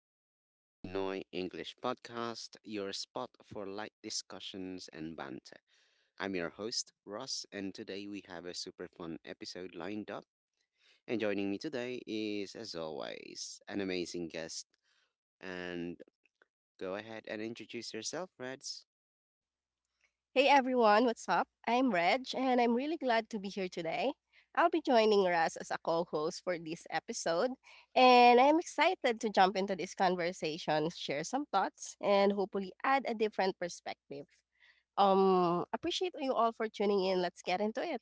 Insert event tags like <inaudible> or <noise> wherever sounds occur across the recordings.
welcome back to the Pinoy English Podcast, your spot for light discussions and banter. I'm your host, Ross, and today we have a super fun episode lined up. And joining me today is, as always, an amazing guest. And go ahead and introduce yourself, Reds. Hey everyone, what's up? I'm Reg, and I'm really glad to be here today. I'll be joining Raz as a co host for this episode, and I'm excited to jump into this conversation, share some thoughts, and hopefully add a different perspective. Appreciate you all for tuning in. Let's get into it.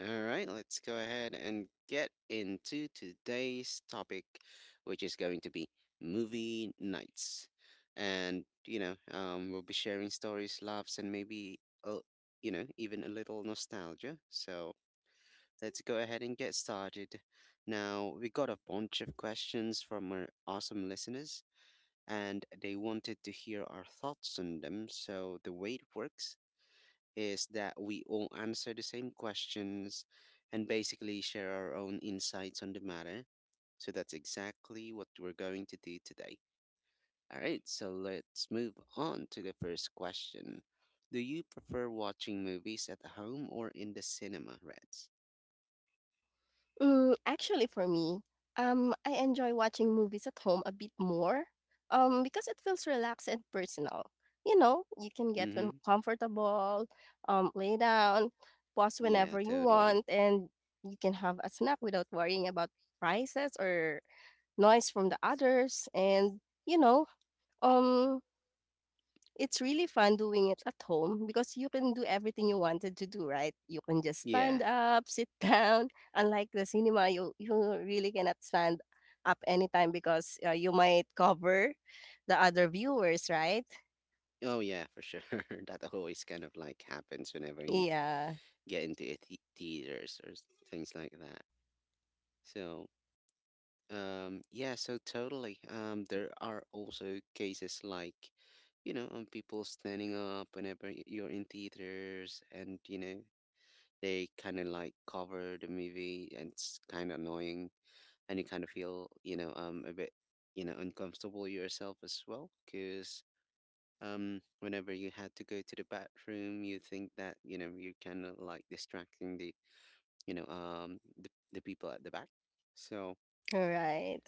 All right, let's go ahead and get into today's topic, which is going to be movie nights. And, we'll be sharing stories, laughs, and maybe even a little nostalgia. So let's go ahead and get started. Now, we got a bunch of questions from our awesome listeners, and they wanted to hear our thoughts on them. So the way it works is that we all answer the same questions and basically share our own insights on the matter. So that's exactly what we're going to do today. All right, so let's move on to the first question. Do you prefer watching movies at home or in the cinema, Reds? Mm, actually, for me, I enjoy watching movies at home a bit more, because it feels relaxed and personal. You know, you can get when Mm-hmm. comfortable, lay down, pause Yeah, whenever you totally. want, and you can have a snack without worrying about prices or noise from the others. And um, it's really fun doing it at home because you can do everything you wanted to do, right? You can just Yeah. stand up, <laughs> sit down. Unlike the cinema, you really cannot stand up anytime because you might cover the other viewers, right? Oh, yeah, for sure. <laughs> That always kind of like happens whenever you Yeah, get into theaters things like that. So, yeah, so totally. There are also cases like, people standing up whenever you're in theaters and, you know, they kind of like cover the movie and it's kind of annoying, and you kind of feel, a bit, uncomfortable yourself as well because, whenever you had to go to the bathroom, you think that, you know, you're kind of like distracting the people at the back. So, right.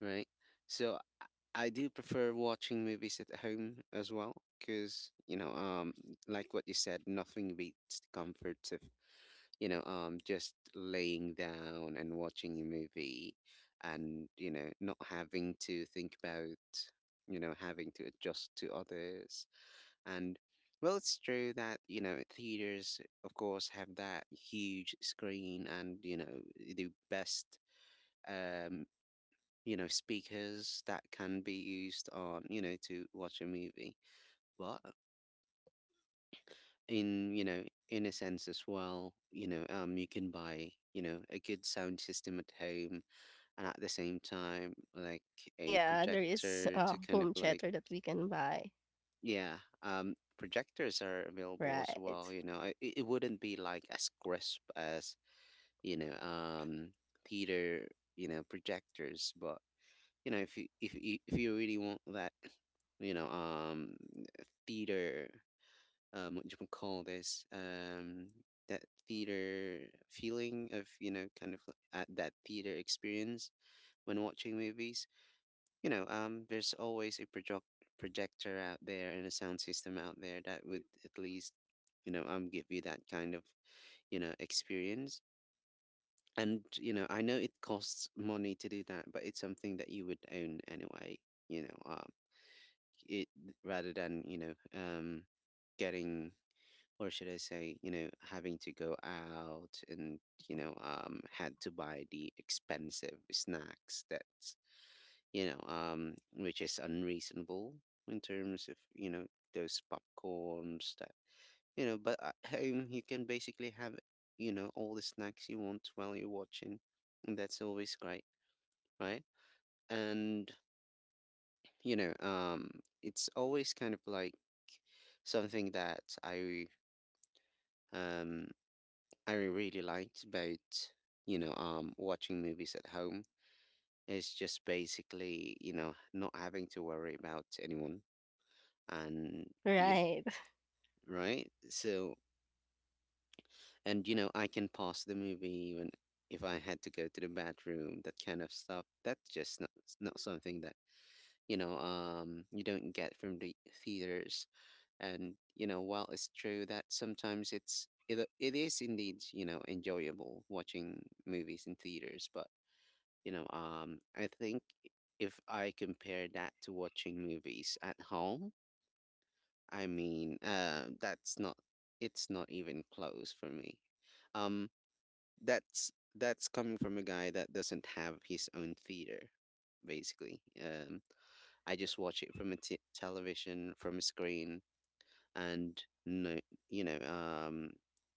right? So I do prefer watching movies at home as well, because like what you said, nothing beats the comforts of just laying down and watching a movie, and you know, not having to think about you know having to adjust to others and. Well, it's true that, you know, theaters, of course, have that huge screen and, you know, the best um, you know, speakers that can be used on, you know, to watch a movie. But in, you know, in a sense as well, you can buy, you know, a good sound system at home, and at the same time, like a Yeah, there is projector to kind of home like, theater that we can buy. yeah, projectors are available as well. Right, You know, it, it wouldn't be like as crisp as, you know, um, theater, you know, projectors, but you know if you really want that you know um theater what you can call this, that theater feeling of you know kind of like, that theater experience when watching movies, there's always a projector out there and a sound system out there that would at least give you that kind of you know experience. And you know I know it costs money to do that, but it's something that you would own anyway, you know um. it rather than getting, or should I say you know having to go out and had to buy the expensive snacks that's which is unreasonable in terms of you know those popcorns that you know. But at home you can basically have you know all the snacks you want while you're watching, and that's always great, right? And you know um it's always kind of like something that um I really liked about watching movies at home is just basically you know not having to worry about anyone and you right, right. So and you know I can pause the movie when if I had to go to the bathroom, that kind of stuff that's just not not something that you don't get from the theaters. And you know, while it's true that sometimes it is indeed you know enjoyable watching movies in theaters, but I think if I compare that to watching movies at home, I mean, that's not it's not even close for me. Um, that's coming from a guy that doesn't have his own theater, basically. I just watch it from a television, from a screen, and no you know um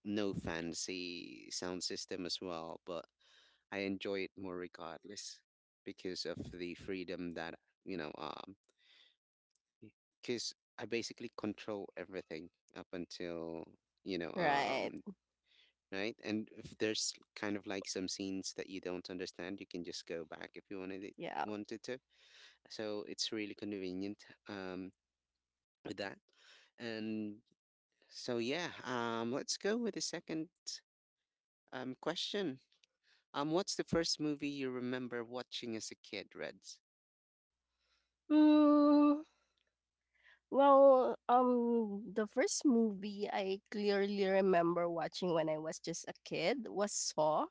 no fancy sound system as well, but I enjoy it more regardless because of the freedom that you know um because I basically control everything up until you know <laughs> right. um right. And if there's kind of like some scenes that you don't understand, you can just go back if you Yeah. wanted to. So it's really convenient with that. And so yeah, let's go with the second question. What's the first movie you remember watching as a kid, Reds? Mm, well, the first movie I clearly remember watching when I was just a kid was Saw.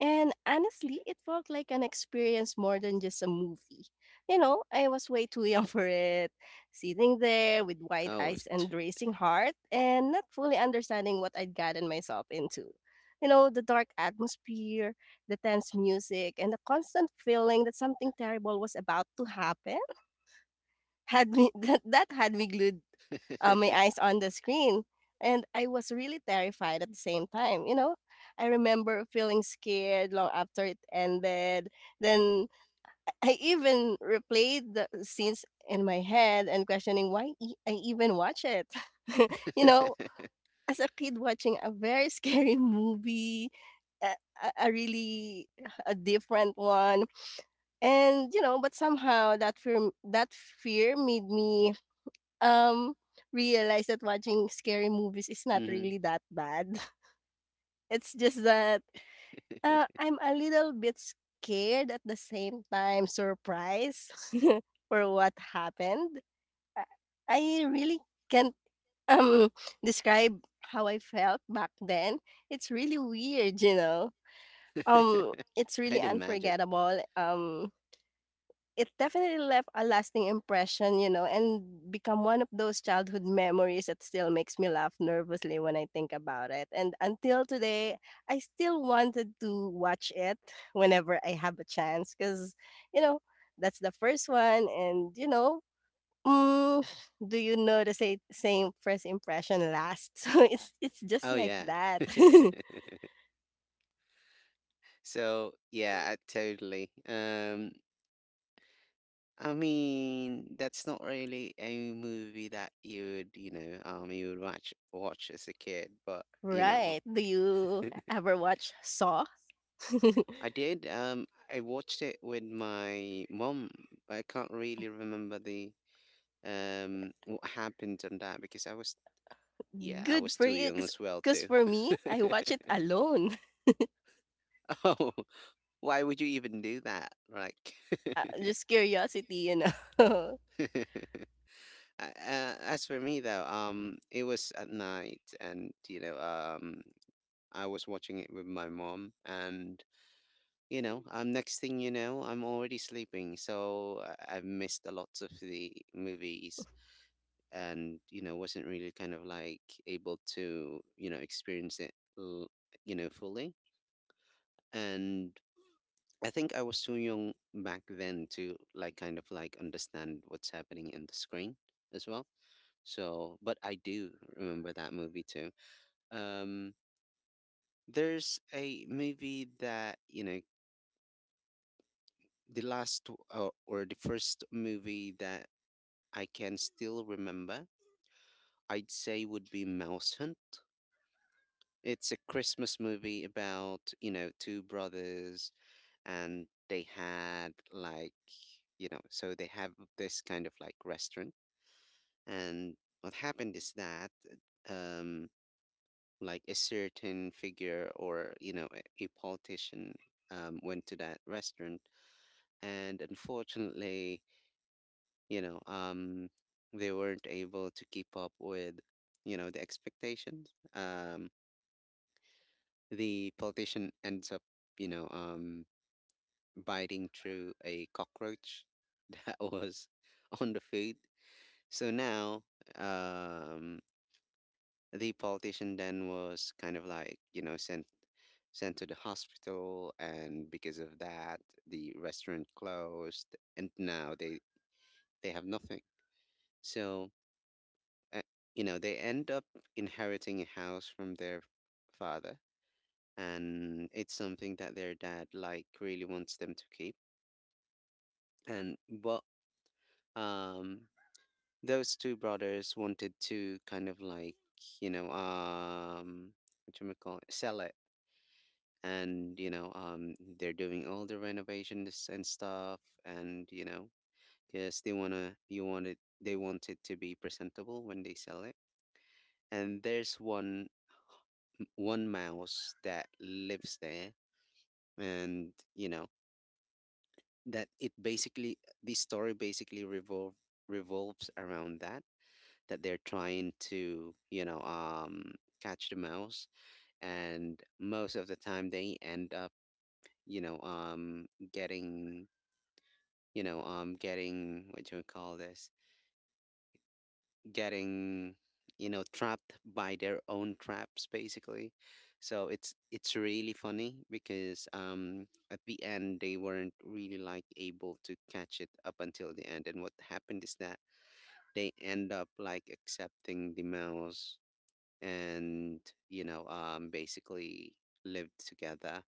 And honestly, it felt like an experience more than just a movie. You know, I was way too young <laughs> for it, sitting there with wide Oh, eyes t- and racing heart, and not fully understanding what I'd gotten myself into. You know, the dark atmosphere, the tense music, and the constant feeling that something terrible was about to happen had me <laughs> that had me glued my <laughs> <laughs> eyes on the screen. And I was really terrified at the same time, you know? I remember feeling scared long after it ended. Then <laughs> I even replayed the scenes in my head and questioning I even watch it. <laughs> You know, as a kid watching a very <laughs> scary movie, a, a really a different one. And you know, but somehow that fear made me um, realized that watching scary movies is not mhm. really that bad. <laughs> It's just that, I'm a little bit scared, at the same time surprised <laughs> for what happened. I I really can't, um, describe how I felt back then. It's really weird, you know? It's <laughs> really I'd imagine. unforgettable, it definitely left a lasting impression, you know, and become one of those childhood memories that still makes me laugh nervously when I think about it. And until today, I still wanted to watch it <laughs> whenever I have a chance because, you know, that's the first one. And, you know, mm, <sighs> do you know the same first impression last? <laughs> So it's just Oh like yeah. that. <laughs> <laughs> So yeah, totally. I mean, that's not really a movie that you would, you would watch as a kid, but you know, Right. Do you <laughs> ever watch Saw? <laughs> I did. I watched it with my mom, but I can't really remember the what happened on that because I was, yeah, I Good was for too you, young as well cause too. for me, I watch it alone. <laughs> <laughs> Oh, why would you even do that? Like. Just curiosity, you know? <laughs> <laughs> As for me though, it was at night, and I was watching it with my mom, and next thing you know, I'm already sleeping, so I've missed a lot of the movies, and you know, wasn't really kind of like able to you know experience it, you know, fully, and I think I was too young back then to like kind of like understand what's happening in the screen as well. So, but I do remember that movie too. Um, there's a movie that, you know, the last w- or the first movie that I can still remember, I'd say would be Mouse Hunt. It's a Christmas movie about, you know, two brothers, and they had like, you know, so they have this kind of like restaurant. And what happened is that, um, like a certain figure or, you know, a politician went to that restaurant. And unfortunately, you know, um, they weren't able to keep up with, you know, the expectations. The politician ends up, you know, um, biting through a cockroach <laughs> that was on the food. So now, um, the politician then was kind of like, you know, sent to the hospital, and because of that, the restaurant closed, and now they have nothing. So, uh, you know, they end up inheriting a house from their father, and it's something that their dad like really wants them to keep. And what um those two brothers wanted to kind of like, you know, um what you call it, sell it. And you know they're doing all the renovations and stuff, and you know because they want to you wanted, they want it to be presentable when they sell it. And there's one mouse that lives there, and you know that it basically the story basically revolves around that that they're trying to catch the mouse. And most of the time they end up you know um getting getting what do we call this? Getting, you know, trapped by their own traps, basically. So it's really funny because at the end they weren't really like able to catch it up until the end, and what happened is that they end up like accepting the mouse, and basically lived together,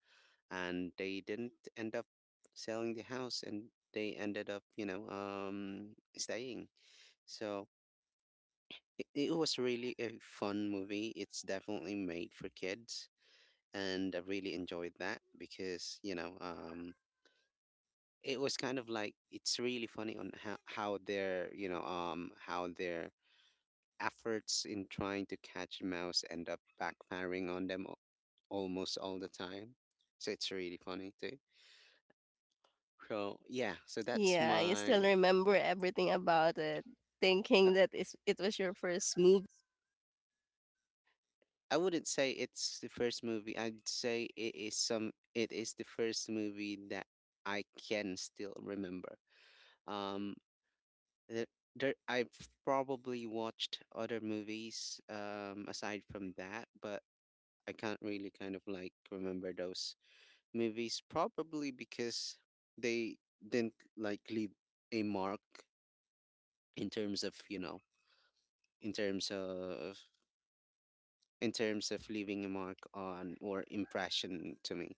and they didn't end up selling the house, and they ended up you know staying. So it was really a fun movie. It's definitely made for kids, and I really enjoyed that because it was kind of like it's really funny on how their how their efforts in trying to catch a mouse end up backfiring on them almost all the time. So it's really funny too. So yeah, so that's Yeah, you still my. remember everything about it, uh, thinking that is it was your first movie. I wouldn't say it's the first movie. I'd say it is some it is the first movie that I can still remember. Um there, there I've probably watched other movies aside from that, but I can't really kind of like remember those movies probably because they didn't like leave a mark in terms of, you know, in terms of in terms of leaving a mark on or impression to me.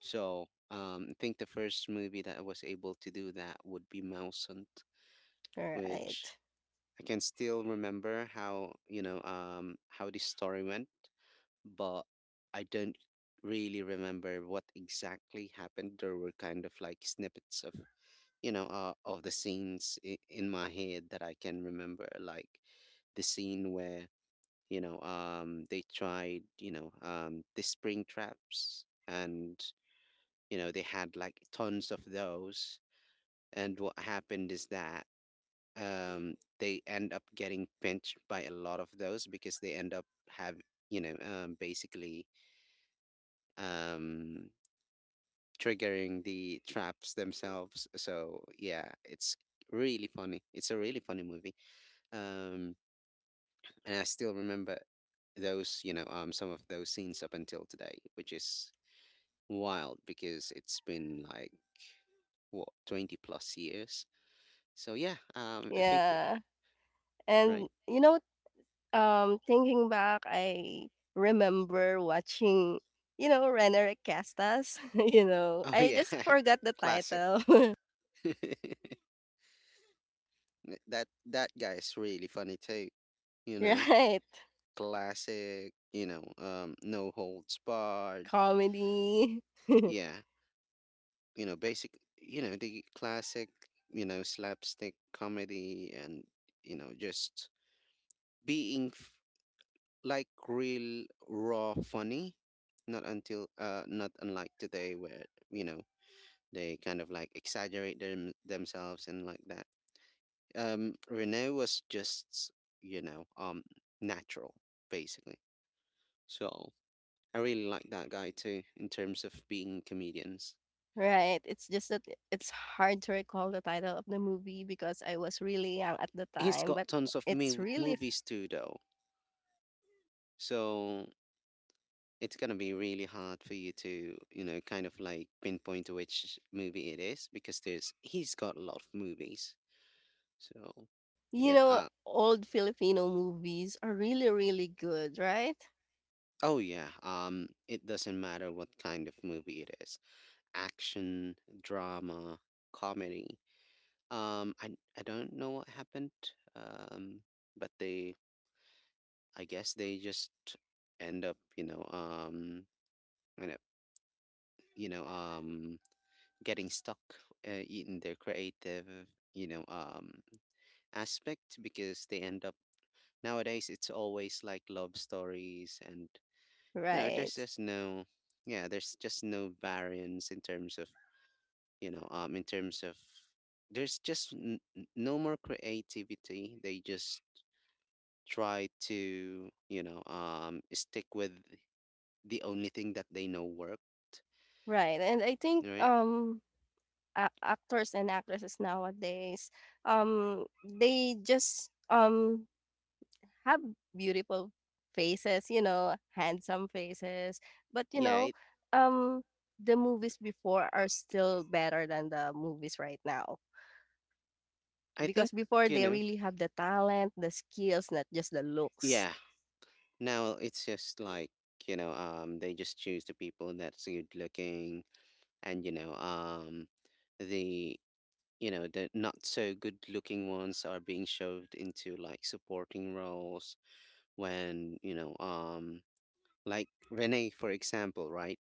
So I think the first movie that I was able to do that would be Mouse Hunt, All which right. I can still remember how how the story went, but I don't really remember what exactly happened. There were kind of like snippets of of the scenes in my head that I can remember, like the scene where they tried the spring traps, and they had like tons of those. And what happened is that they end up getting pinched by a lot of those because they end up have basically um triggering the traps themselves, so yeah, it's really funny, it's a really funny movie. um and I still remember those, some of those scenes up until today, which is wild because it's been like, what, 20 plus years. So yeah, I think that. Yeah, and, Right. you know, thinking back, I remember watching, you know, Renner Castas. <laughs> You know? Oh I yeah, just forgot the <laughs> classic. title. <laughs> That guy is really funny too. You <laughs> know, Right, classic. No holds barred. comedy. <laughs> Yeah, basic. The classic. Slapstick comedy, and just being like real raw funny. Not until not unlike today, where you know they kind of like exaggerate them themselves and like that. Renee was just, you know, um, natural, basically. So I really like that guy too, in terms of being comedians. Right, it's just that I it's hard to recall the title of the movie because I was really young at the He's time, but got tons of it's really movies too, though. So it's gonna be really hard for you to, kind of like pinpoint which movie it is because there's he's got a lot of movies. So you yeah, know, old Filipino movies are really, really good, right? oh yeah. It doesn't matter what kind of movie it is. Action, drama, comedy. Um, I I don't know what happened. Um, but they, I guess they just end up, end up, you know, um, getting stuck in their creative, you know, um, aspect, because they end up nowadays. It's always like love stories, and there's Right. just no, yeah, there's just no variance in terms of, in terms of. There's just no more creativity. They just try to stick with the only thing that they know worked. Right. And I think Right. A- actors and actresses nowadays they just have beautiful faces, you know, handsome faces. But you Yeah, know, um, the movies before are still better than the movies right now I because think, before you they know really have the talent, the skills, not just the looks, yeah, now it's just like they just choose the people that's good looking, and you know the you know the not so good looking ones are being shoved into like supporting roles, when like Renee, for example, right,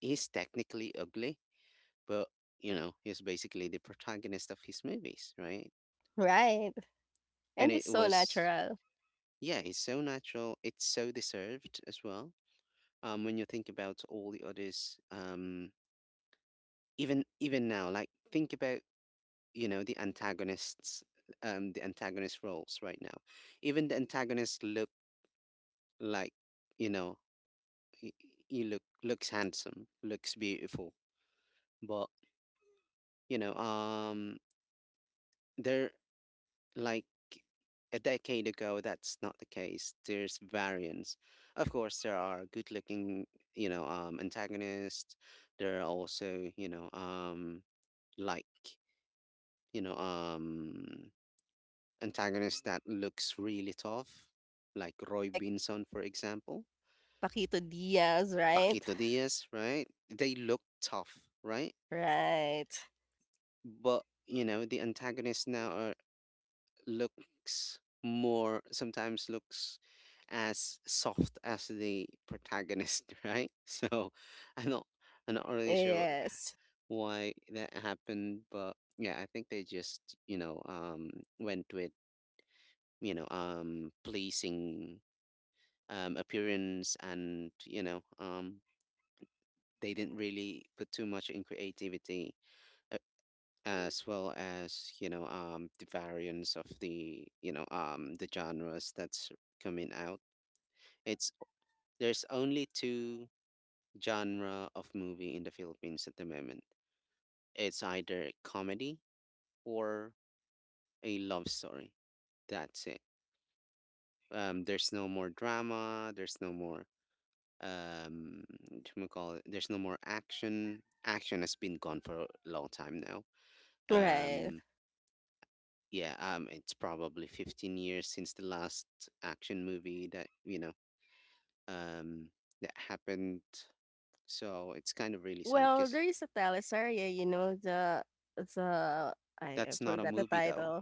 he's technically ugly, but he's basically the protagonist of his movies, right? <laughs> right? and And it's it so was natural, yeah it's so natural, it's so deserved as well. When you think about all the others, even now, like think about, the antagonists, the antagonist roles right now. Even the antagonist look, like, you know he, he looks handsome, looks beautiful, but you know um they're like. A decade ago, that's not the case. There's variance. Of course, there are good-looking, antagonists. There are also, like, you know, um, antagonists that looks really tough, like Roy like Binson, for example, Paquito Diaz, right? Paquito Diaz, right? They look tough, right? Right. But the antagonists now are. Looks more, sometimes looks as soft as the protagonist, <laughs> right? So I'm not I'm not really sure what, Yes. why that happened, but yeah, I think they just went with pleasing appearance, and they didn't really put too much in creativity, as well as the variants of the, genres that's coming out. It's there's only two genre of movie in the Philippines at the moment. It's either comedy or a love story, that's it. There's no more drama, there's no more, um whatchamacallit, there's no more action has been gone for a long time now. Right. um Yeah, it's probably 15 years since the last action movie that, um, happened. So it's kind of really sad Well, because. there is a teleserye, you know, the I That's not a forgot the movie, though. title.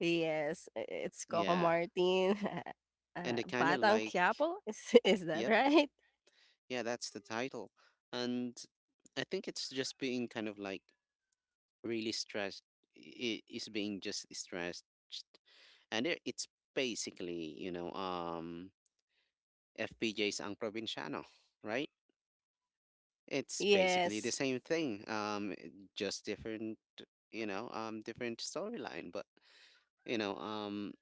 Yes, I it's Coco Yeah. Martin, <laughs> And they kind of Batang like, Quiapo, <laughs> is that yep, right? yeah, that's the title. And I think it's just being kind of like really stressed. It is being just stressed. And it's basically, FPJ's Ang Probinsyano, right? It's basically the Yes, same thing, just different, different storyline. But you know, um,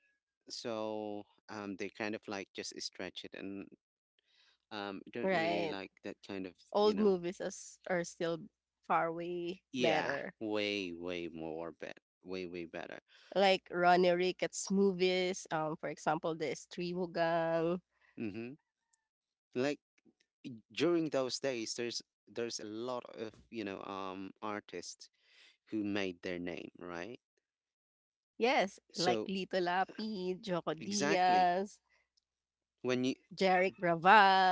so they kind of like just stretch it, and don't really right. like that kind of, you Old know, movies as are still far way yeah, better. way, way more bet, way, way better. Like Ronnie Ricketts movies, for example, the Estribugang. Mm-hmm. Like during those days, there's a lot of artists who made their name, right? Yes, like So, Lito Lapid, Joco exactly. Diaz, When you. Jeric Raval,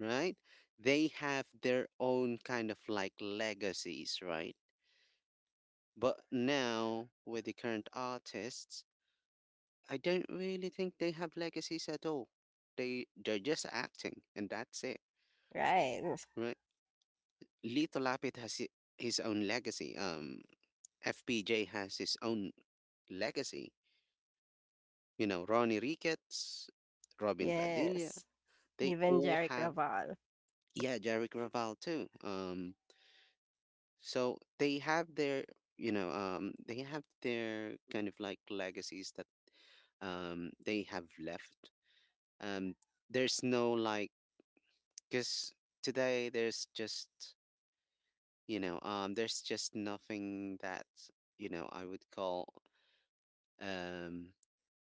Right? They have their own kind of like legacies, right? But now with the current artists, I don't really think they have legacies at all. They're just acting, and that's it, right. right? Lito Lapid has his own legacy. FPJ has his own legacy. Ronnie Ricketts, Robin Padilla, Yes, they even all Jeric have. Raval. Yeah, Jerick Raval too. So they have their, they have their kind of like legacies that they have left. Um, there's no like, cause today there's just, there's just nothing that, I would call um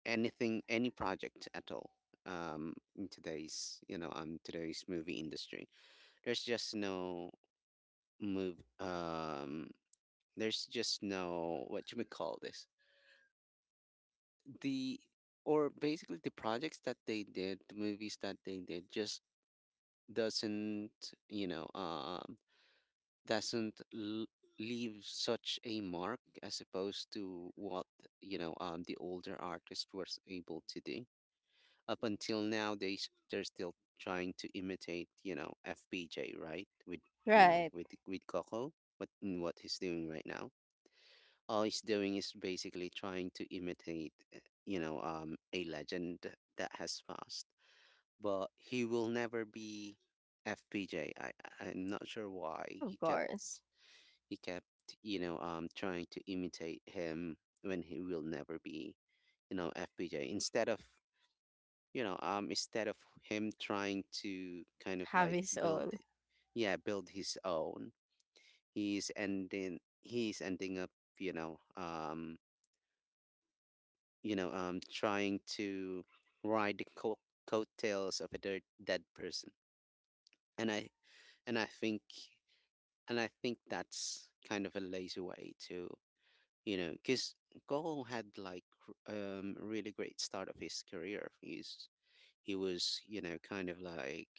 anything, any project at all. In today's, today's movie industry, there's just no move. There's just no what you we call this. The, or basically, the projects that they did, the movies that they did, just doesn't you know doesn't l- leave such a mark, as opposed to what the older artist was able to do. Up until now, they're still trying to imitate, FPJ, right, with, Right, with Coco, what he's doing right now. All he's doing is basically trying to imitate, a legend that has passed. But he will never be FPJ. I'm not sure why of he course. Kept trying to imitate him, when he will never be, FPJ. Instead of him trying to kind of Have like his build. own, Yeah, build his own. He's ending up, you know um trying to ride the coattails of a dead person. And I and I think and I think that's kind of a lazy way to, because Cole had like really great start of his career. He was, kind of like,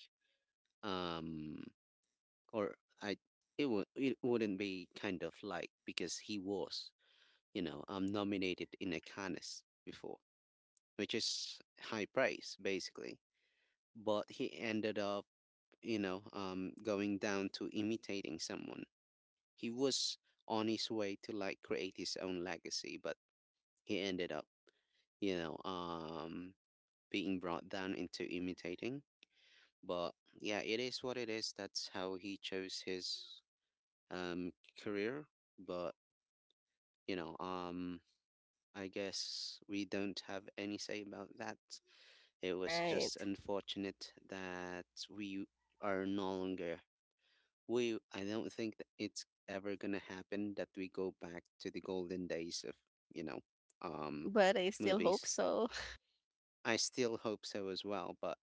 um or I, it wouldn't be kind of like, because he was, nominated in a Cannes before, which is high praise basically. But he ended up, going down to imitating someone. He was on his way to like create his own legacy, but he ended up, you know, um, being brought down into imitating. But yeah, it is what it is. That's how he chose his, um, career. But you know, um, I guess we don't have any say about that. It was just right. unfortunate that we are no longer. I don't think that it's ever gonna happen that we go back to the golden days of, you know, um, But I still hope movies. so. I still hope so as well, but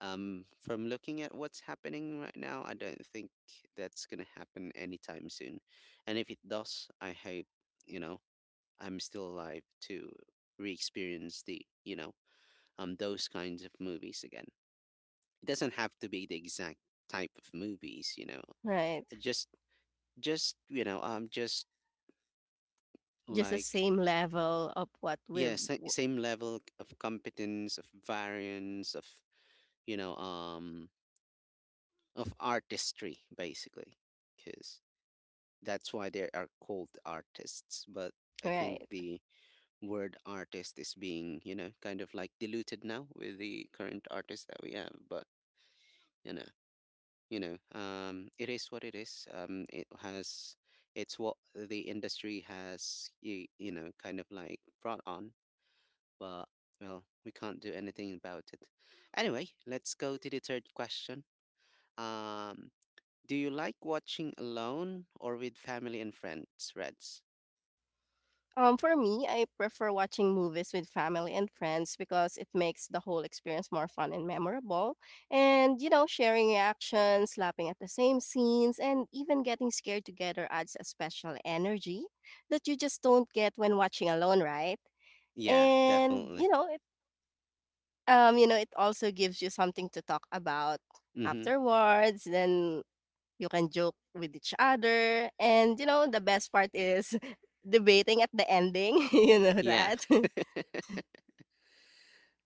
from looking at what's happening right now, I don't think that's gonna happen anytime soon. And if it does, I hope, you know, I'm still alive to re-experience the, those kinds of movies again. It doesn't have to be the exact type of movies, you know. Right. Just just Just the like, same level of what yeah, we've w- same level of competence, of variance, of, you know um artistry, basically. Because that's why they are called artists, but I think right. the word artist is being, kind of like, diluted now with the current artists that we have. But you know it is what it is, it's what the industry has you, you know kind of like, brought on. But well, we can't do anything about it. Anyway, let's go to the third question. Um, do you like watching alone or with family and friends, Reds? Um, for me, I prefer watching movies with family and friends because it makes the whole experience more fun and memorable. And you know, sharing reactions, laughing at the same scenes, and even getting scared together adds a special energy that you just don't get when watching alone, right? Yeah, And definitely. You know, it also gives you something to talk about Mm-hmm. afterwards then you can joke with each other, and you know, the best part is <laughs> debating at the ending, <laughs> you know Yeah, that? <laughs>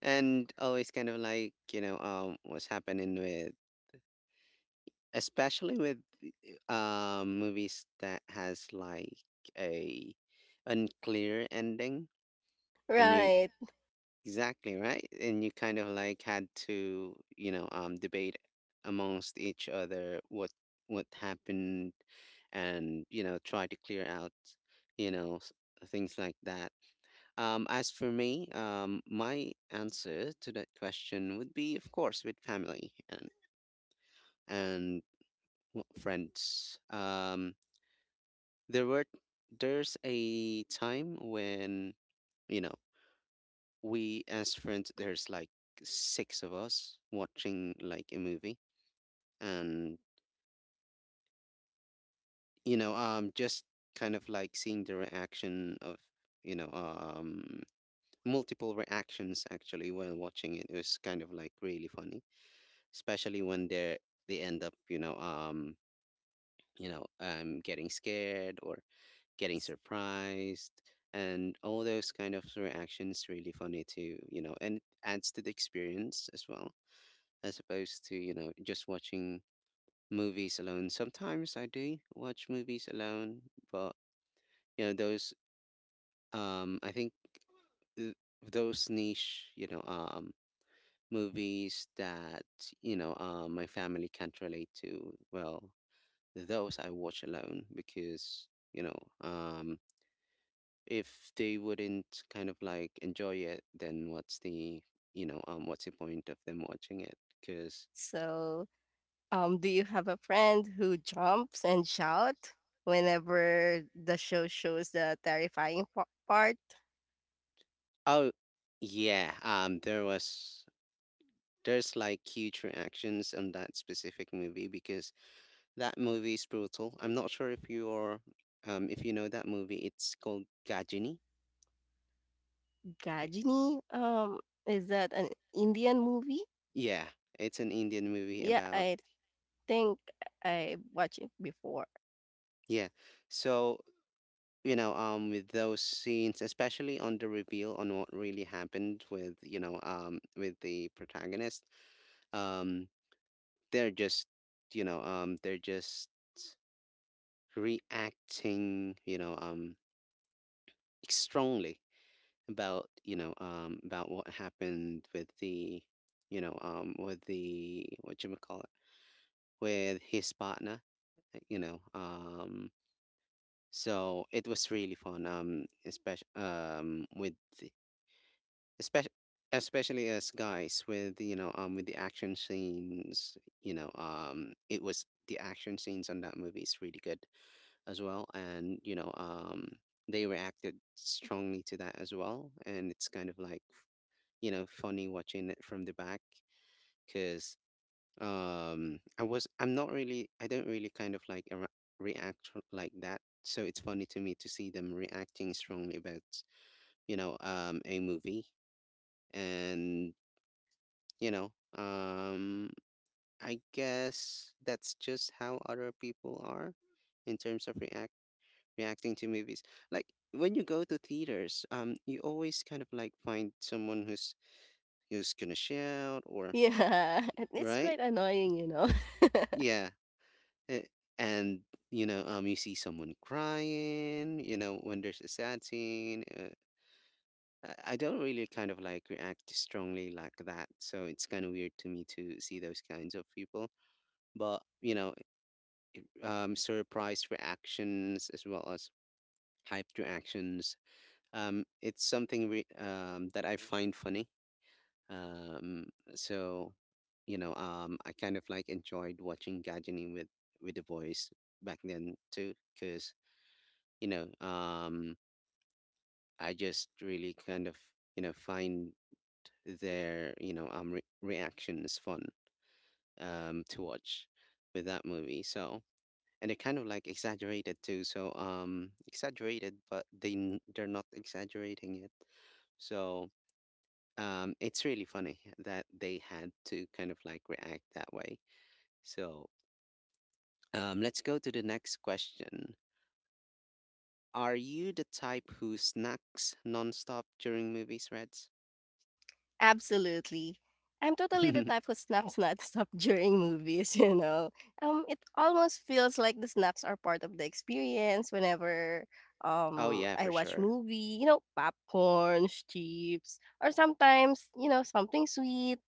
and always kind of like, what's happening with, especially with, movies that has like a unclear ending. And you Right. Exactly, right? And you kind of like had to, debate amongst each other what happened, and, try to clear out, you know, s- things like that. As for me, my answer to that question would be, of course, with family and and friends. There were there's a time when, you know, we as friends there's like six of us watching like a movie, and just kind of like seeing the reaction of, you know um multiple reactions actually while watching it. It was kind of like really funny, especially when they end up, getting scared or getting surprised, and all those kind of reactions really funny too, and it adds to the experience as well, as opposed to, just watching movies alone. Sometimes I do watch movies alone, but, those, I think th- those niche, movies that, my family can't relate to, well, those I watch alone because, if they wouldn't kind of like enjoy it, then what's the, what's the point of them watching it? Because So, do you have a friend who jumps and shouts whenever the show shows the terrifying pa part? Oh, yeah. There's like huge reactions on that specific movie because that movie is brutal. I'm not sure if you're, if you know that movie. It's called Gajini. Gajini, is that an Indian movie? Yeah, it's an Indian movie Yeah, about... I think I watched it before. yeah. So, with those scenes, especially on the reveal on what really happened with, with the protagonist, um they're just, you know um they're just reacting, strongly about, about what happened with the, with the what you call it, with his partner. uh, you know um so it was really fun, especially, with, especially especially as guys, with, with the action scenes. It was the action scenes on that movie is really good as well. And, they reacted strongly to that as well, and it's kind of like, funny watching it from the back, because I don't really kind of like react like that, so it's funny to me to see them reacting strongly about, a movie. And, you know um I guess that's just how other people are in terms of reacting to movies. Like when you go to theaters, you always kind of like find someone who's gonna shout or... Yeah, <laughs> and it's Right. quite annoying, you know. Yeah. Eh, and, you see someone crying, when there's a sad scene. I don't really kind of like react strongly like that, so it's kind of weird to me to see those kinds of people. But, surprise reactions as well as hyped reactions, it's something that I find funny. um so, I kind of like enjoyed watching gadgeting with the voice back then too, cause, you know, um, i just really kind of, find their, reactions fun, to watch with that movie. So, and they're kind of like exaggerated too. So, exaggerated, but they're not exaggerating it. So, it's really funny that they had to kind of like react that way. So, let's go to the next question. Are you the type who snacks nonstop during movies, Reds? Absolutely. I'm totally the type <laughs> who snacks not <laughs> stop during movies, you know. It almost feels like the snacks are part of the experience whenever Oh yeah, I for watch sure. movie, you know, popcorn, chips, or sometimes, you know, something sweet,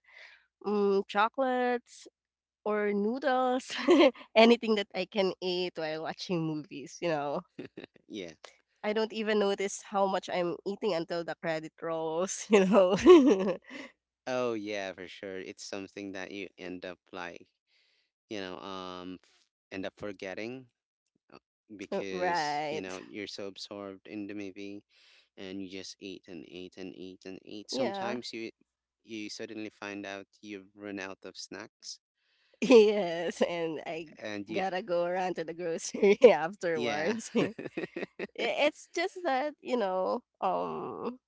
chocolates or noodles, <laughs> anything that I can eat while watching movies, you know. Yeah. I don't even notice how much I'm eating until the credit rolls, <laughs> you know. Oh yeah, for sure. It's something that you end up like, you know, um f- end up forgetting, uh, <laughs> because, Right. You're so absorbed in the movie, and you just eat and eat and eat and eat. Yeah. <laughs> Sometimes you suddenly find out you've run out of snacks, Yes, and I and you... gotta go around to the grocery <laughs> yeah. afterwards. <laughs> <laughs> It's just that, you know,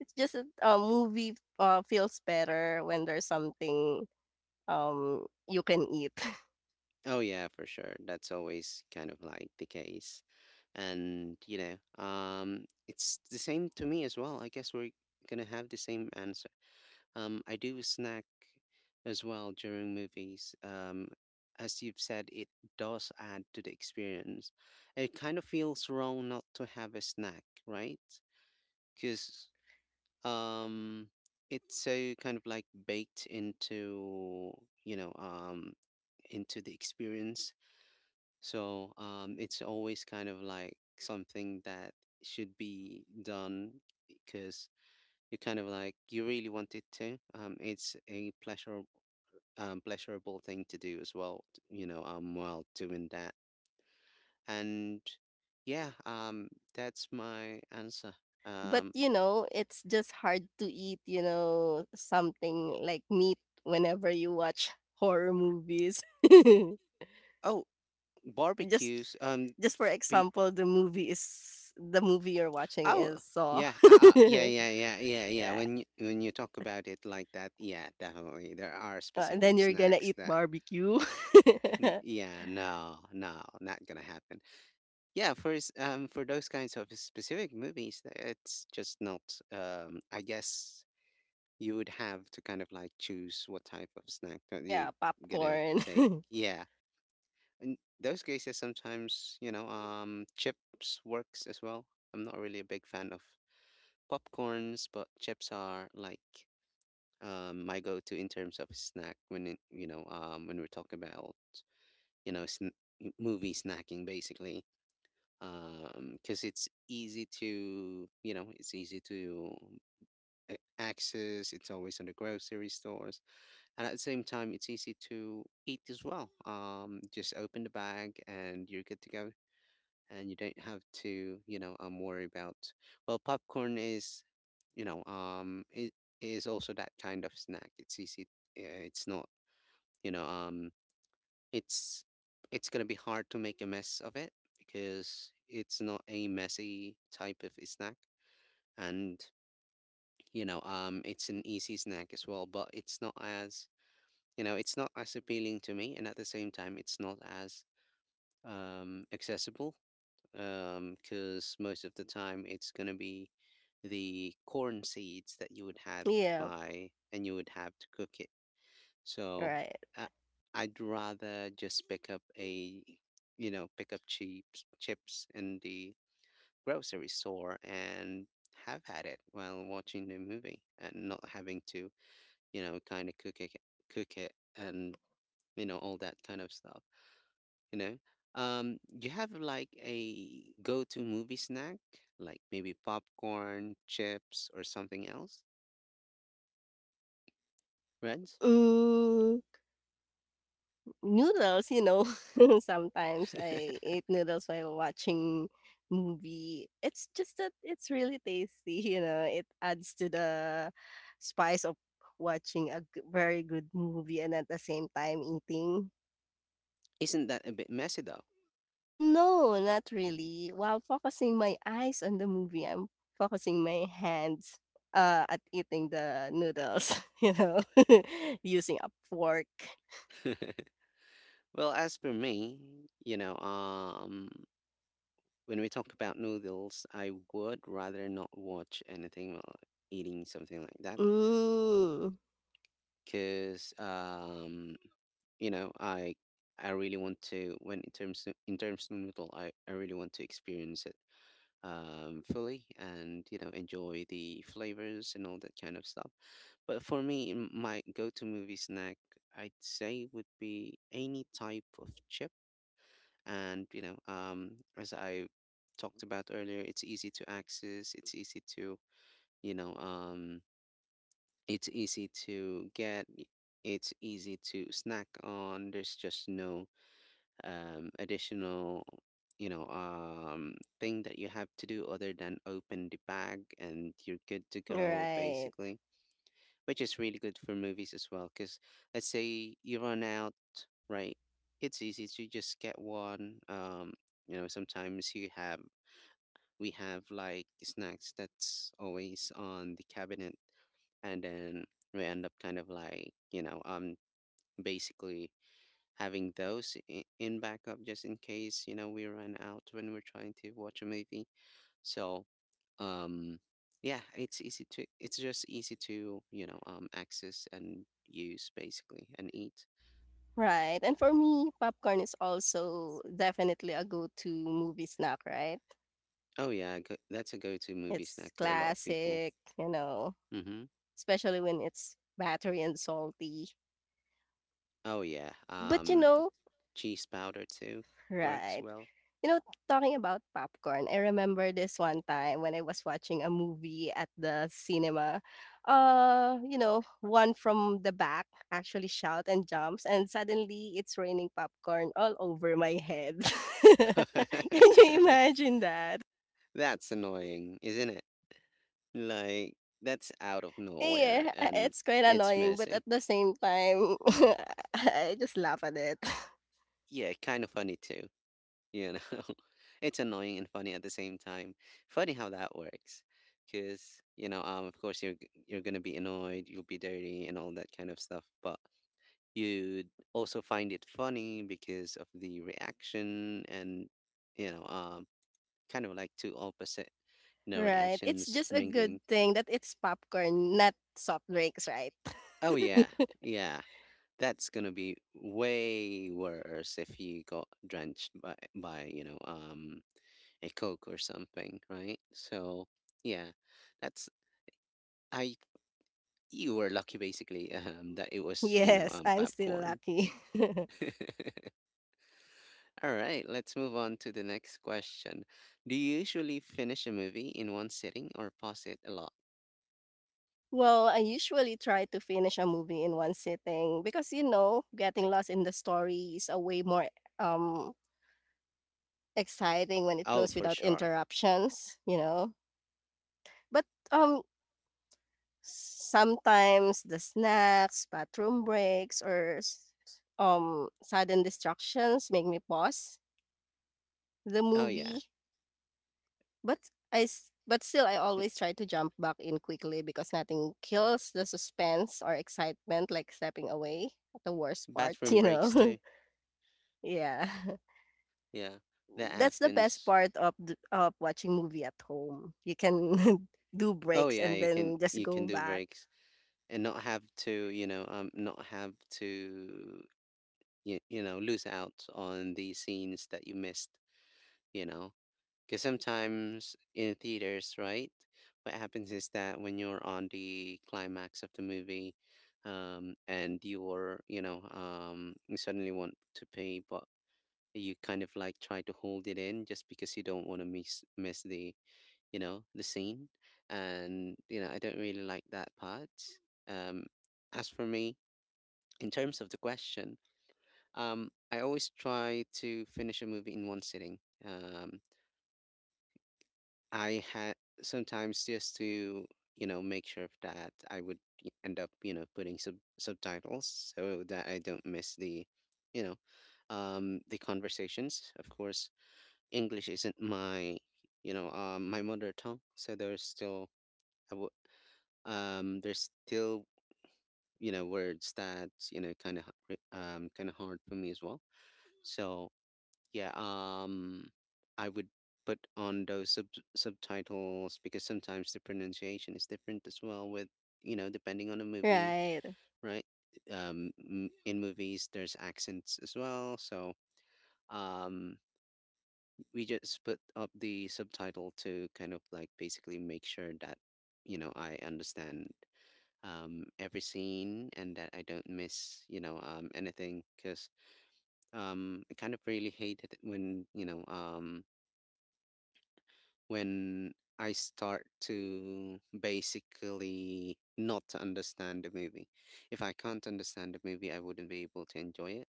it's just that a movie feels better when there's something you can eat. <laughs> Oh yeah, for sure. That's always kind of like the case. And, it's the same to me as well. I guess we're gonna have the same answer. I do snack as well during movies. As you've said, it does add to the experience. It kind of feels wrong not to have a snack, right? Because, um it's so kind of like baked into, you know um into the experience, so, it's always kind of like something that should be done because you kind of like you really want it to. It's a pleasurable thing to do as well. You know, while doing that, and yeah, that's my answer. But Um, you know, it's just hard to eat, you know, something like meat whenever you watch horror movies. oh, <laughs> just barbecues. Just for f- bel- example, the movie you're watching Oh, is Saw. yeah, <laughs> yeah, yeah, yeah, yeah, yeah. Yeah, When you talk about it like that, yeah, definitely there are and then specific you're gonna snacks eat that... barbecue. <laughs> Yeah, no, no, not gonna happen. Yeah, for those kinds of specific movies, it's just not. I guess you would have to kind of like choose what type of snack that you're Yeah, gonna popcorn. take. <laughs> Yeah, in those cases, sometimes, chips works as well. I'm not really a big fan of popcorns, but chips are like my go-to in terms of snack, when we're talking about, you know sn- movie snacking basically, because it's easy to... it's easy to access. It's always on the grocery stores, and at the same time it's easy to eat as well. Just open the bag and you're good to go, and you don't have to, worry about. Well, popcorn is, it is also that kind of snack. It's easy. uh, It's not, you know, um, it's it's gonna be hard to make a mess of it because it's not a messy type of snack, and, it's an easy snack as well. But it's not as, it's not as appealing to me, and at the same time, it's not as accessible, because most of the time it's gonna be the corn seeds that you would have to Yeah, buy and you would have to cook it. So right. I, I'd rather just pick up a, pick up chips in the grocery store, and have had it while watching the movie and not having to, kind of cook it and, all that kind of stuff. you know, do you have like a go-to movie snack, like maybe popcorn, chips, or something else, Renz? Ooh, noodles, you know, <laughs> sometimes <laughs> I eat noodles while watching movie. It's just that it's really tasty, you know. It adds to the spice of watching a very good movie and at the same time eating. Isn't that a bit messy though? No, not really. While focusing my eyes on the movie, I'm focusing my hands at eating the noodles, <laughs> you know, <laughs> using a fork. <laughs> Well, as for me, you know, um, when we talk about noodles, I would rather not watch anything while eating something like that, Mm, because, you know, I I really want to when in terms of noodle, I really want to experience it. Fully, and enjoy the flavors and all that kind of stuff. But for me, my go-to movie snack, I'd say, would be any type of chip. And, as I talked about earlier, it's easy to access. It's easy to... you know, um, it's easy to get. It's easy to snack on. There's just no additional, you know um, thing that you have to do other than open the bag and you're good to go, right, basically, which is really good for movies as well because let's say you run out, right? It's easy to just get one. Sometimes you have we have like snacks that's always on the cabinet, and then we end up kind of like, basically having those, in backup just in case, we run out when we're trying to watch a movie. So, um yeah, it's just easy to, access and use basically, and eat. right. And for me, popcorn is also definitely a go to movie snack, right? Oh yeah, that's a go-to movie It's snack for a lot of people. classic, you know, Mm-hmm. especially when it's battery and salty. Oh yeah. But you know, cheese powder too works right. well. You know, talking about popcorn, I remember this one time when I was watching a movie at the cinema. You know, one from the back actually shout and jumps, and suddenly it's raining popcorn all over my head. <laughs> Can <laughs> you imagine that? That's annoying, isn't it? Like, that's out of nowhere, Yeah, and it's quite it's annoying, but messy. at the same time, <laughs> I just laugh at it. <laughs> Yeah, kind of funny too, you know? <laughs> It's annoying and funny at the same time. Funny how that works, because, of course you're gonna be annoyed, you'll be dirty and all that kind of stuff, but you'd also find it funny because of the reaction, and, you know, um, kind of like two opposite, Right. It's reactions just a good mingling. thing that it's popcorn, not soft drinks, right? Oh yeah, <laughs> yeah. That's gonna be way worse if you got drenched by... by a coke or something, right? So yeah, that's I. You were lucky, basically, <laughs> that it was, Yes, I'm still popcorn. lucky. <laughs> <laughs> All right, let's move on to the next question. Do you usually finish a movie in one sitting or pause it a lot? Well, I usually try to finish a movie in one sitting because you know, getting lost in the story is a way more um exciting when it Oh, flows for without sure. interruptions, you know. But um sometimes the snacks, bathroom breaks or sudden distractions make me pause the Oh yeah. movie. But still I Mm, always try to jump back in quickly because nothing kills the suspense or excitement like stepping away at the worst part, <laughs> bathroom you breaks know? too. <laughs> Yeah. Yeah, that That's the best happens. part of of watching movie at home. You can <laughs> do Oh breaks yeah, and you can then just you can go do back. breaks, and not have to, not have to, lose out on the scenes that you missed, you know because sometimes in theaters, right, what happens is that when you're on the climax of the movie, and you're... you suddenly want to pay, but you kind of like try to hold it in just because you don't want to miss the, the scene. And, I don't really like that part. um as for me, in terms of the question, I always try to finish a movie in one sitting. Um, I had sometimes just to, make sure of that I would end up, putting subtitles so that I don't miss you know, the conversations. Of course, English isn't my mother tongue, so there's still I w there's still, words that, kind of hard for me as well. So. Yeah, I would put on those subtitles because sometimes the pronunciation is different as well with, depending on the movie, Right. right? In movies, there's accents as well, so um, we just put up the subtitle to kind of like basically make sure that, I understand every scene and that I don't miss, anything because I kind of really hate it when I start to basically not understand the movie. If I can't understand the movie, I wouldn't be able to enjoy it.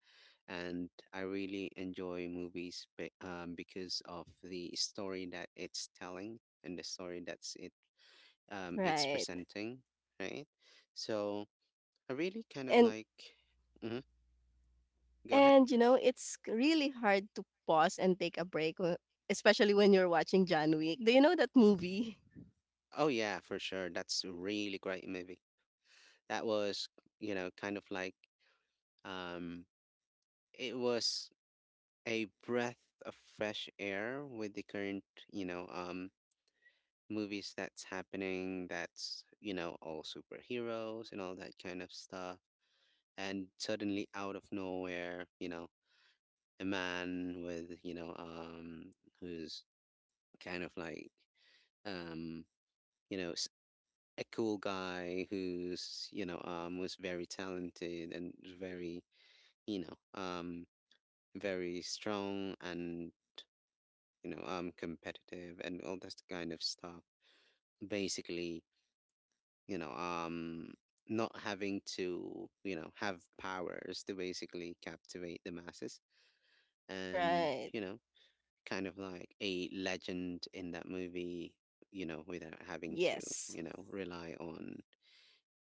And I really enjoy movies because of the story that it's telling and the story that's it it's Right. presenting, right? So I really kind of And like. hmm Go ahead. and you know, really hard to pause and take a break, especially when you're watching John Wick. Do you know that movie? Oh yeah, for sure. That's a really great movie. That was, kind of like. Um, it was a breath of fresh air with the current, you know, um, movies that's happening, that's, all superheroes and all that kind of stuff. And suddenly, out of nowhere, a man with, who's kind of like, um, you know, s- a cool guy who's, was very talented and very, you know, um, very strong and competitive and all that kind of stuff. Basically, you know, um, not having to, have powers to basically captivate the masses. <laughs> And, Right. Kind of like a legend in that movie, without having to, Yes. Rely on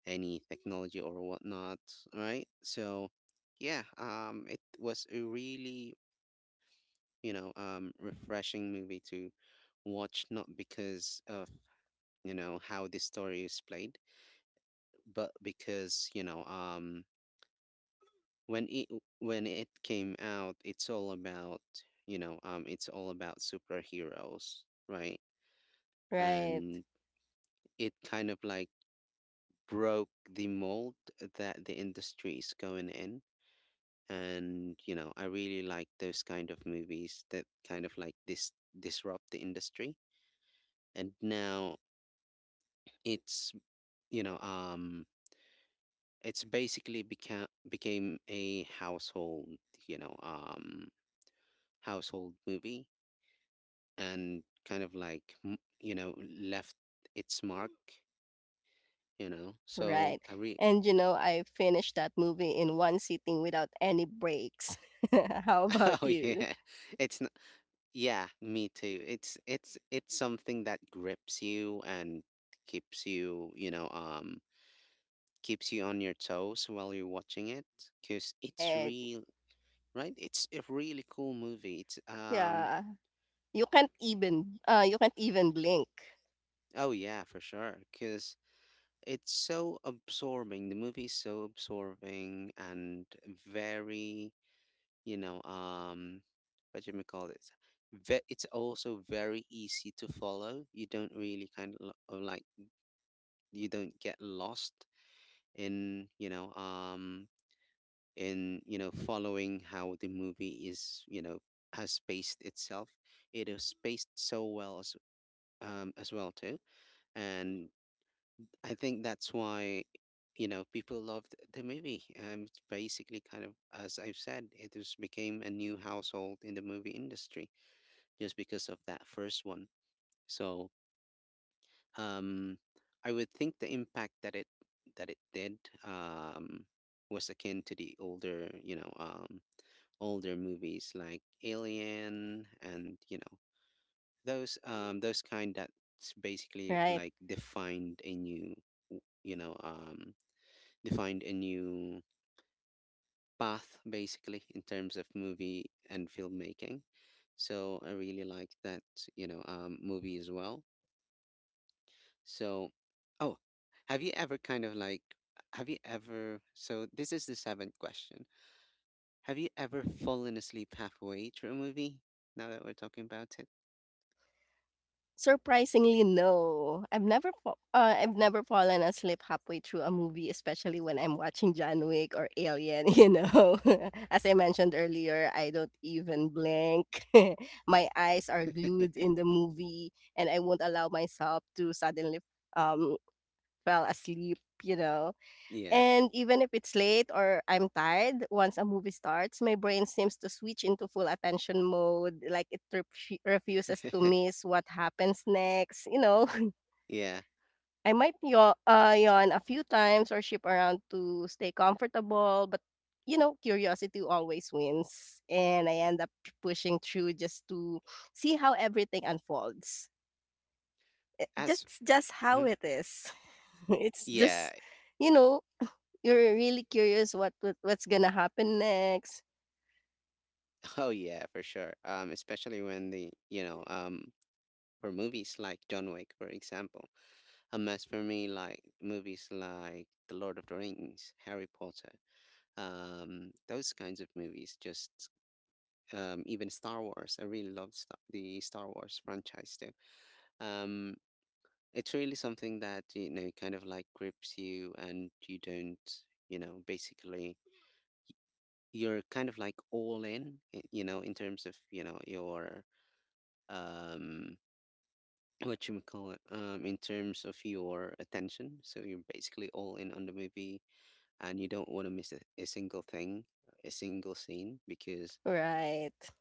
any technology or whatnot, right? So, yeah, it was a really, refreshing movie to watch, not because of how this story is played, but because when it when it came out, it's all about it's all about superheroes, right. Right. And it kind of like broke the mold that the industry is going in, and I really like those kind of movies that kind of like this disrupt the industry. And now it's you know It's basically became a you know, um, household movie, and kind of like left its mark, you know. So Right. I re And you know, I finished that movie in one sitting without any breaks. <laughs> How about <laughs> Oh you? yeah, it's not, yeah, me too. It's something that grips you and keeps you, you know, um, keeps you on your toes while you're watching it, because it's Right. real, right? It's a really cool movie. It's um Yeah. You can't even blink, Oh yeah, for sure. Because it's so absorbing. The movie is so absorbing and very, you know, um, what do you call it? It's also very easy to follow. You don't really kind of like you don't get lost in, you know, um, in following how the movie is, has spaced itself. It is spaced so well as well too, and I think that's why, people loved the movie. It's basically, kind of, as I've said, it just became a new household in the movie industry just because of that first one. So, um, I would think the impact that it did was akin to the older, older movies like Alien and those kind that basically right? like defined a new, you know, um, defined a new path basically in terms of movie and filmmaking. So I really like that, movie as well. So, oh, have you ever kind of like, have you ever, so this is the seventh question. Have you ever fallen asleep halfway through a movie? Now that we're talking about it? Surprisingly, no. I've never fallen asleep halfway through a movie, especially when I'm watching John Wick or Alien, <laughs> you know. <laughs> As I mentioned earlier, I don't even blink. <laughs> My eyes are glued in the movie and I won't allow myself to suddenly um fell asleep, you know. Yeah. And even if it's late or I'm tired, once a movie starts, my brain seems to switch into full attention mode. Like it refuses to <laughs> miss what happens next, you know. <laughs> Yeah. I might yawn, yawn a few times or ship around to stay comfortable, but you know, curiosity always wins. And I end up pushing through just to see how everything unfolds. Eh, As, just how mhm. it is. <laughs> It's Yeah, just you know, you're really curious what's gonna happen next. oh yeah, for sure. Especially when the you know for movies like John Wick, for example, a must for me, like movies like The Lord of the Rings, Harry Potter, those kinds of movies. Just even Star Wars. I really love the Star Wars franchise too. Um, it's really something that kind of like grips you, and you don't basically you're kind of like all in, in terms of your um what you call it in terms of your attention, so you're basically all in on the movie, and you don't want to miss a single thing, a single scene, because Right,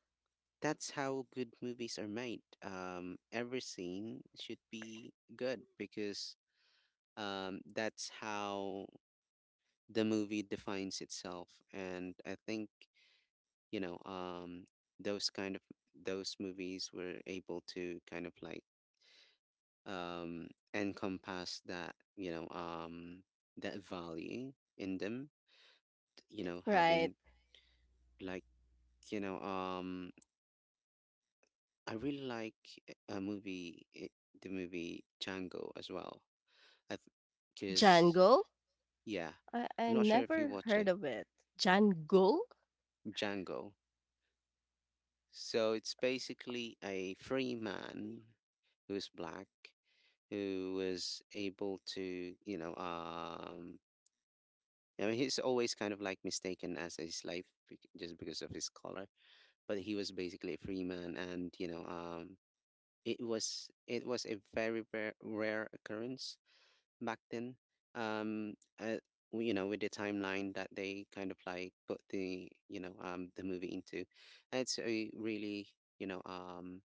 that's how good movies are made. Every scene should be good because that's how the movie defines itself. And I think you know um those kind of those movies were able to kind of like um, encompass that, that value in them. You know, right. having like, you know um, I really like a movie, i- the movie Django as well. I because Jangle? Yeah, I I'm not sure if you never watched heard it. of it. Jangle? Django. So it's basically a free man who's black who was able to I mean, he's always kind of like mistaken as a slave, just because of his color, but he was basically a free man, and it was a very rare, rare occurrence back then. Um, uh, you know, with the timeline that they kind of like put the you know the movie into, it's a you know um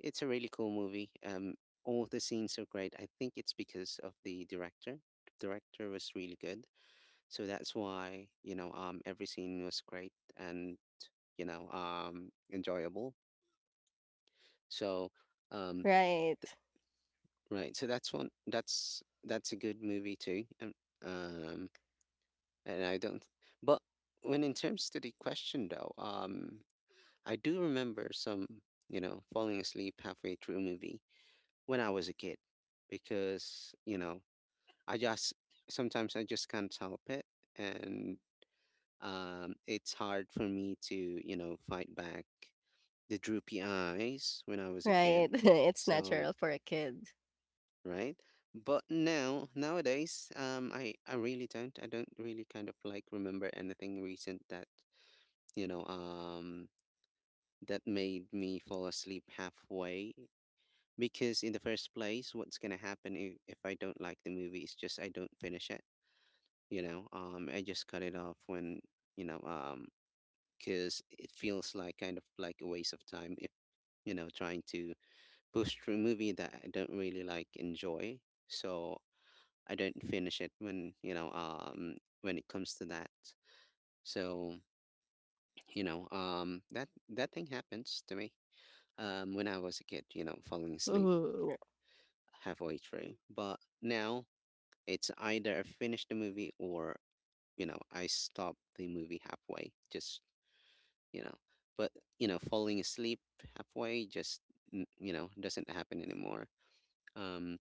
really cool movie. All the scenes are great. I think it's because of the director. The director was really good, so that's why, every scene was great and, enjoyable. So, um, Right, right. So that's one, that's a good movie too. Um, and I don't, but when in terms to the question though, I do remember some, falling asleep halfway through a movie when I was a kid because, I just, sometimes I just can't help it. And It's hard for me to, fight back the droopy eyes when I was a right. kid. <laughs> It's So, natural for a kid. right? But now, nowadays, I really don't. I don't really kind of like remember anything recent that, you know, um, that made me fall asleep halfway. Because in the first place, what's gonna happen if I don't like the movie is just I don't finish it. I just cut it off when, you know, um, because it feels like kind of like a waste of time if trying to push through a movie that I don't really like enjoy. So I don't finish it when you know when it comes to that. So that thing happens to me when I was a kid. You know, falling asleep Mhm. halfway through, but now it's either I finish the movie or I stop the movie halfway, just you know but falling asleep halfway just doesn't happen anymore. um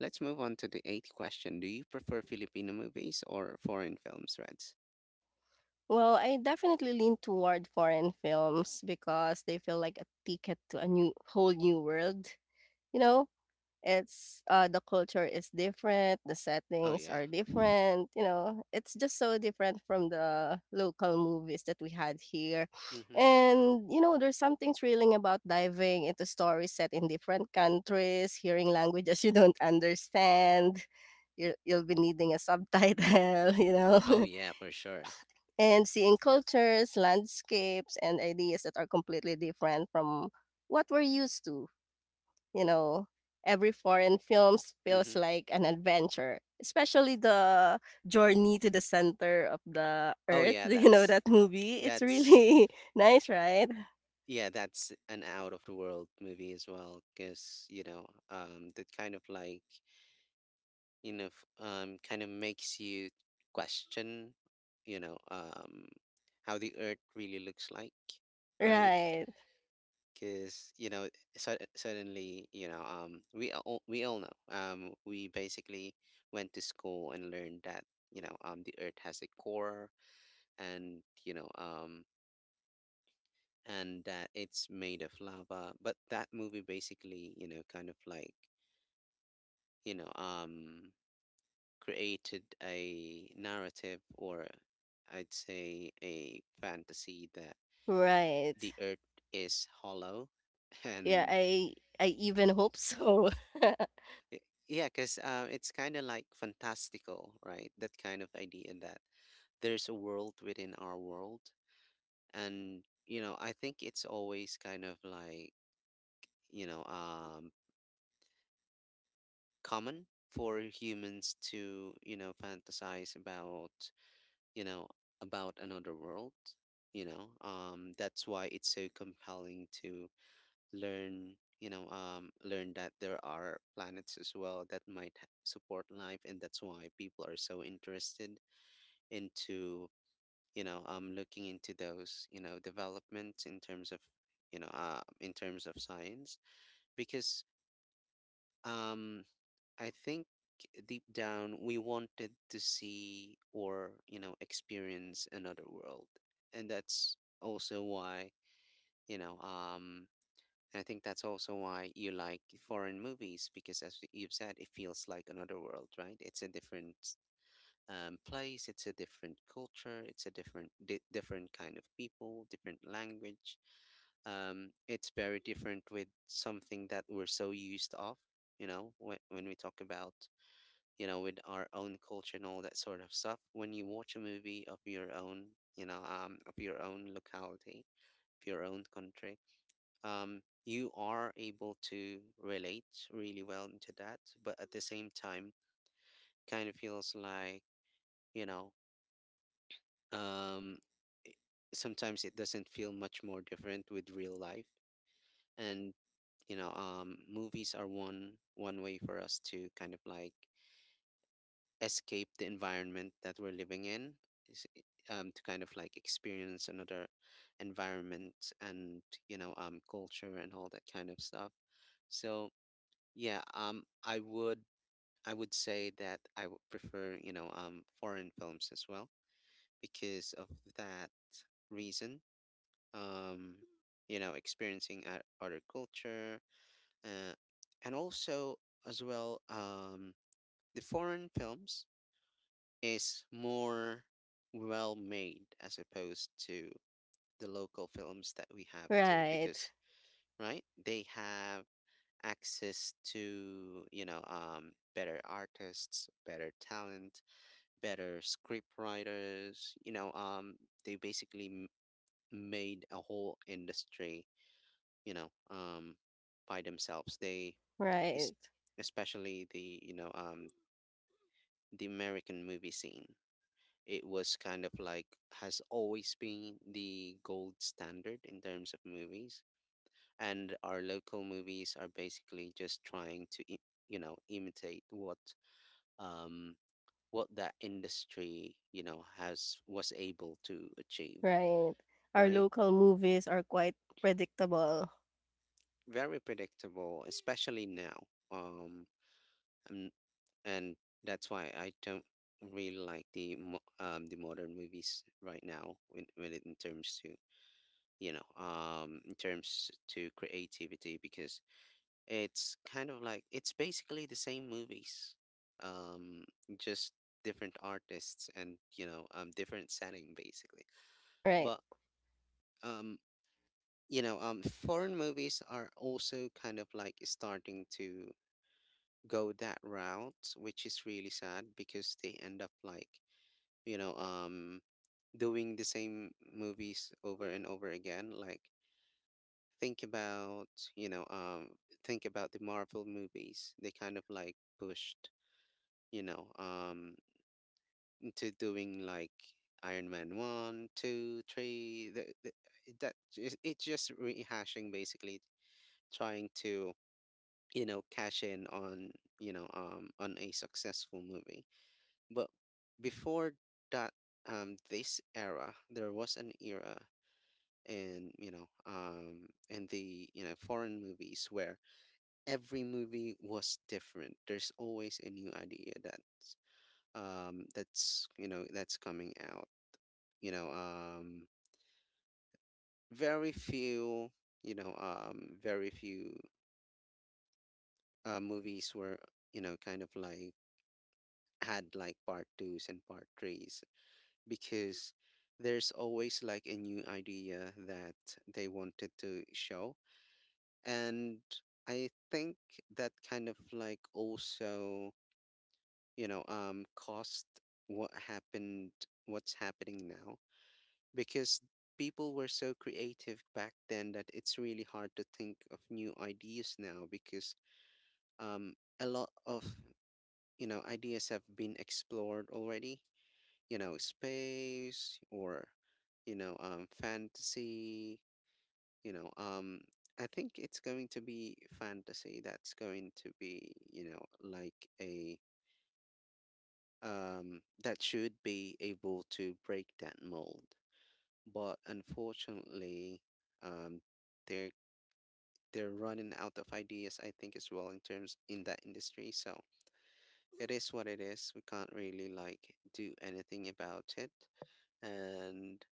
let's move on to the eighth question. Do you prefer Filipino movies or foreign films, reds? Well, I definitely lean toward foreign films because they feel like a ticket to a new whole new world, you know? It's the culture is different, the Oh settings yeah. are different, you know, it's just so different from the local movies that we had here. Mm-hmm. And, you know, there's something thrilling about diving into stories set in different countries, hearing languages <laughs> you don't understand. You'll be needing a subtitle, <laughs> you Oh know, yeah, <laughs> for sure. and seeing cultures, landscapes, and ideas that are completely different from what we're used to. You know, every foreign films feels Mm-hmm. like an adventure, especially the Journey to the Center of the Oh Earth. <laughs> yeah, Do you know that movie? It's that's really <laughs> nice, right? yeah, that's an out of the world movie as well, because that kind of like kind of makes you question, you know, um, how the Earth really looks like, right? Right. Because so, suddenly, we all know, we basically went to school and learned that the Earth has a core, and that it's made of lava. But that movie basically, kind of like, you know, um, created a narrative, or I'd say a fantasy that Right. the earth is hollow. <laughs> Yeah, And I even hope so. <laughs> y- yeah, because it's kind of like fantastical, right? That kind of idea that there's a world within our world. And, I think it's always kind of like, you know, um common for humans to, fantasize you know, about another world. That's why it's so compelling to learn, learn that there are planets as well that might support life, and that's why people are so interested into, looking into those, developments in terms of, you know, in terms of science, because. Um, I think deep down we wanted to see, or, experience another world. And that's also why, you know, I think that's also why you like foreign movies because, as you've said, it feels like another world, right? It's a different place, it's a different culture, it's a different different kind of people, different language. It's very different with something that we're so used of, you know, when we talk about you know, with our own culture and all that sort of stuff. When you watch a movie of your own, you know, of your own locality, of your own country, you are able to relate really well into that. But at the same time, kind of feels like, you know, um, sometimes it doesn't feel much more different with real life. And, movies are one way for us to kind of like escape the environment that we're living in is, eh, to kind of like experience another environment and culture and all that kind of stuff. So yeah, I would, I would say that I would prefer, foreign films as well, because of that reason. um you know, experiencing other culture, uh, and also as well, the foreign films is more well made as opposed to the local films that we have too, Right. because right, they have access to, better artists, better talent, better script writers. They basically made a whole industry, you know um by themselves. They es- Right. especially the, the American movie scene, it was kind of like has always been the gold standard in terms of movies. And our local movies are basically just trying to you know, imitate what, um what that industry, you know, has, was able to achieve. Right. Our Right, local movies are quite predictable. very predictable, especially now. um and, and that's why I don't really like the the modern movies right now, when, it, in terms to, in terms to creativity, because it's kind of like it's basically the same movies, um, just different artists and, you know, different setting basically. Right. But um, you know, foreign movies are also kind of like starting to go that route, which is really sad because they end up like, you know, um, doing the same movies over and over again. Like, think about, you know um think about the Marvel movies. They kind of like pushed, you know um into doing like Iron Man one, two, three. That it's just rehashing, basically trying to, you know, cash in on, on a successful movie. But before that, this era, there was an era in, in the, you know, foreign movies where every movie was different. There's always a new idea that's, that's, you know, that's coming out. You know, um very few, very few movies were, you know, kind of like had like part 2s and part 3s, because there's always like a new idea that they wanted to show. And I think that kind of like also, cost what happened, what's happening now, because people were so creative back then that it's really hard to think of new ideas now, because um, a lot of, you know, ideas have been explored already, you know, space or, you know, fantasy, you know, I think it's going to be fantasy that's going to be, you know, like a, that should be able to break that mold. But unfortunately, um, they're they're running out of ideas, I think, as well in terms in that industry. So it is what it is. We can't really like do anything about it, and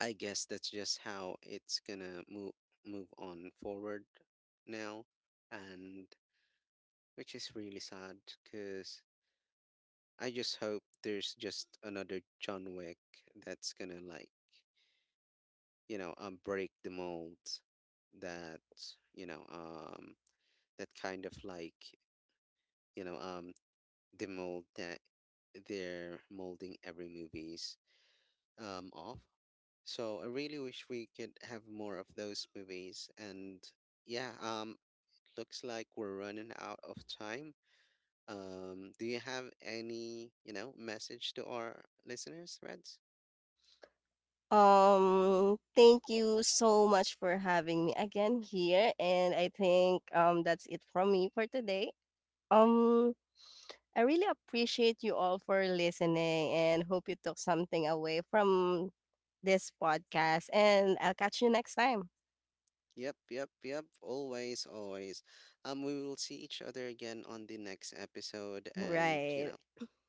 I guess that's just how it's gonna move on forward now, and which is really sad because I just hope there's just another John Wick that's gonna like, break the mold that, you know, um, that kind of like, you know, um, the mold that they're molding every movies off. So I really wish we could have more of those movies. And yeah, looks like we're running out of time. Do you have any, you know, message to our listeners, Reds? Thank you so much for having me again here. And I think that's it from me for today. Um, I really appreciate you all for listening and hope you took something away from this podcast. And I'll catch you next time. Yep, yep, yep. Always, always. We will see each other again on the next episode, and you Right. know,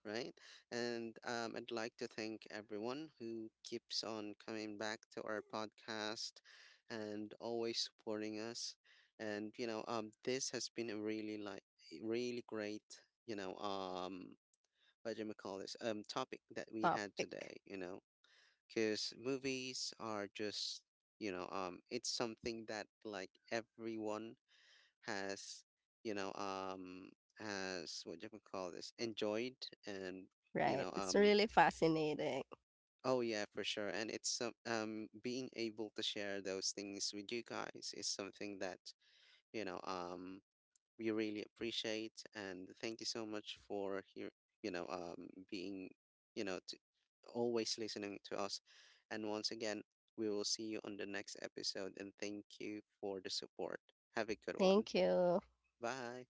right? And I'd like to thank everyone who keeps on coming back to our podcast and always supporting us. And you know, this has been a really like really great, you know, um, what do you call this? Topic that we had Topic. today. You know, because movies are just, it's something that like everyone has, you know um has, what do you call this, enjoyed. And, you Right. know It's um really fascinating. oh yeah, for sure. And it's some, being able to share those things with you guys is something that, you know um we really appreciate. And thank you so much for here, being, you know, to always listening to us. And once again, we will see you on the next episode, and thank you for the support. Have a good one. Thank you. Bye.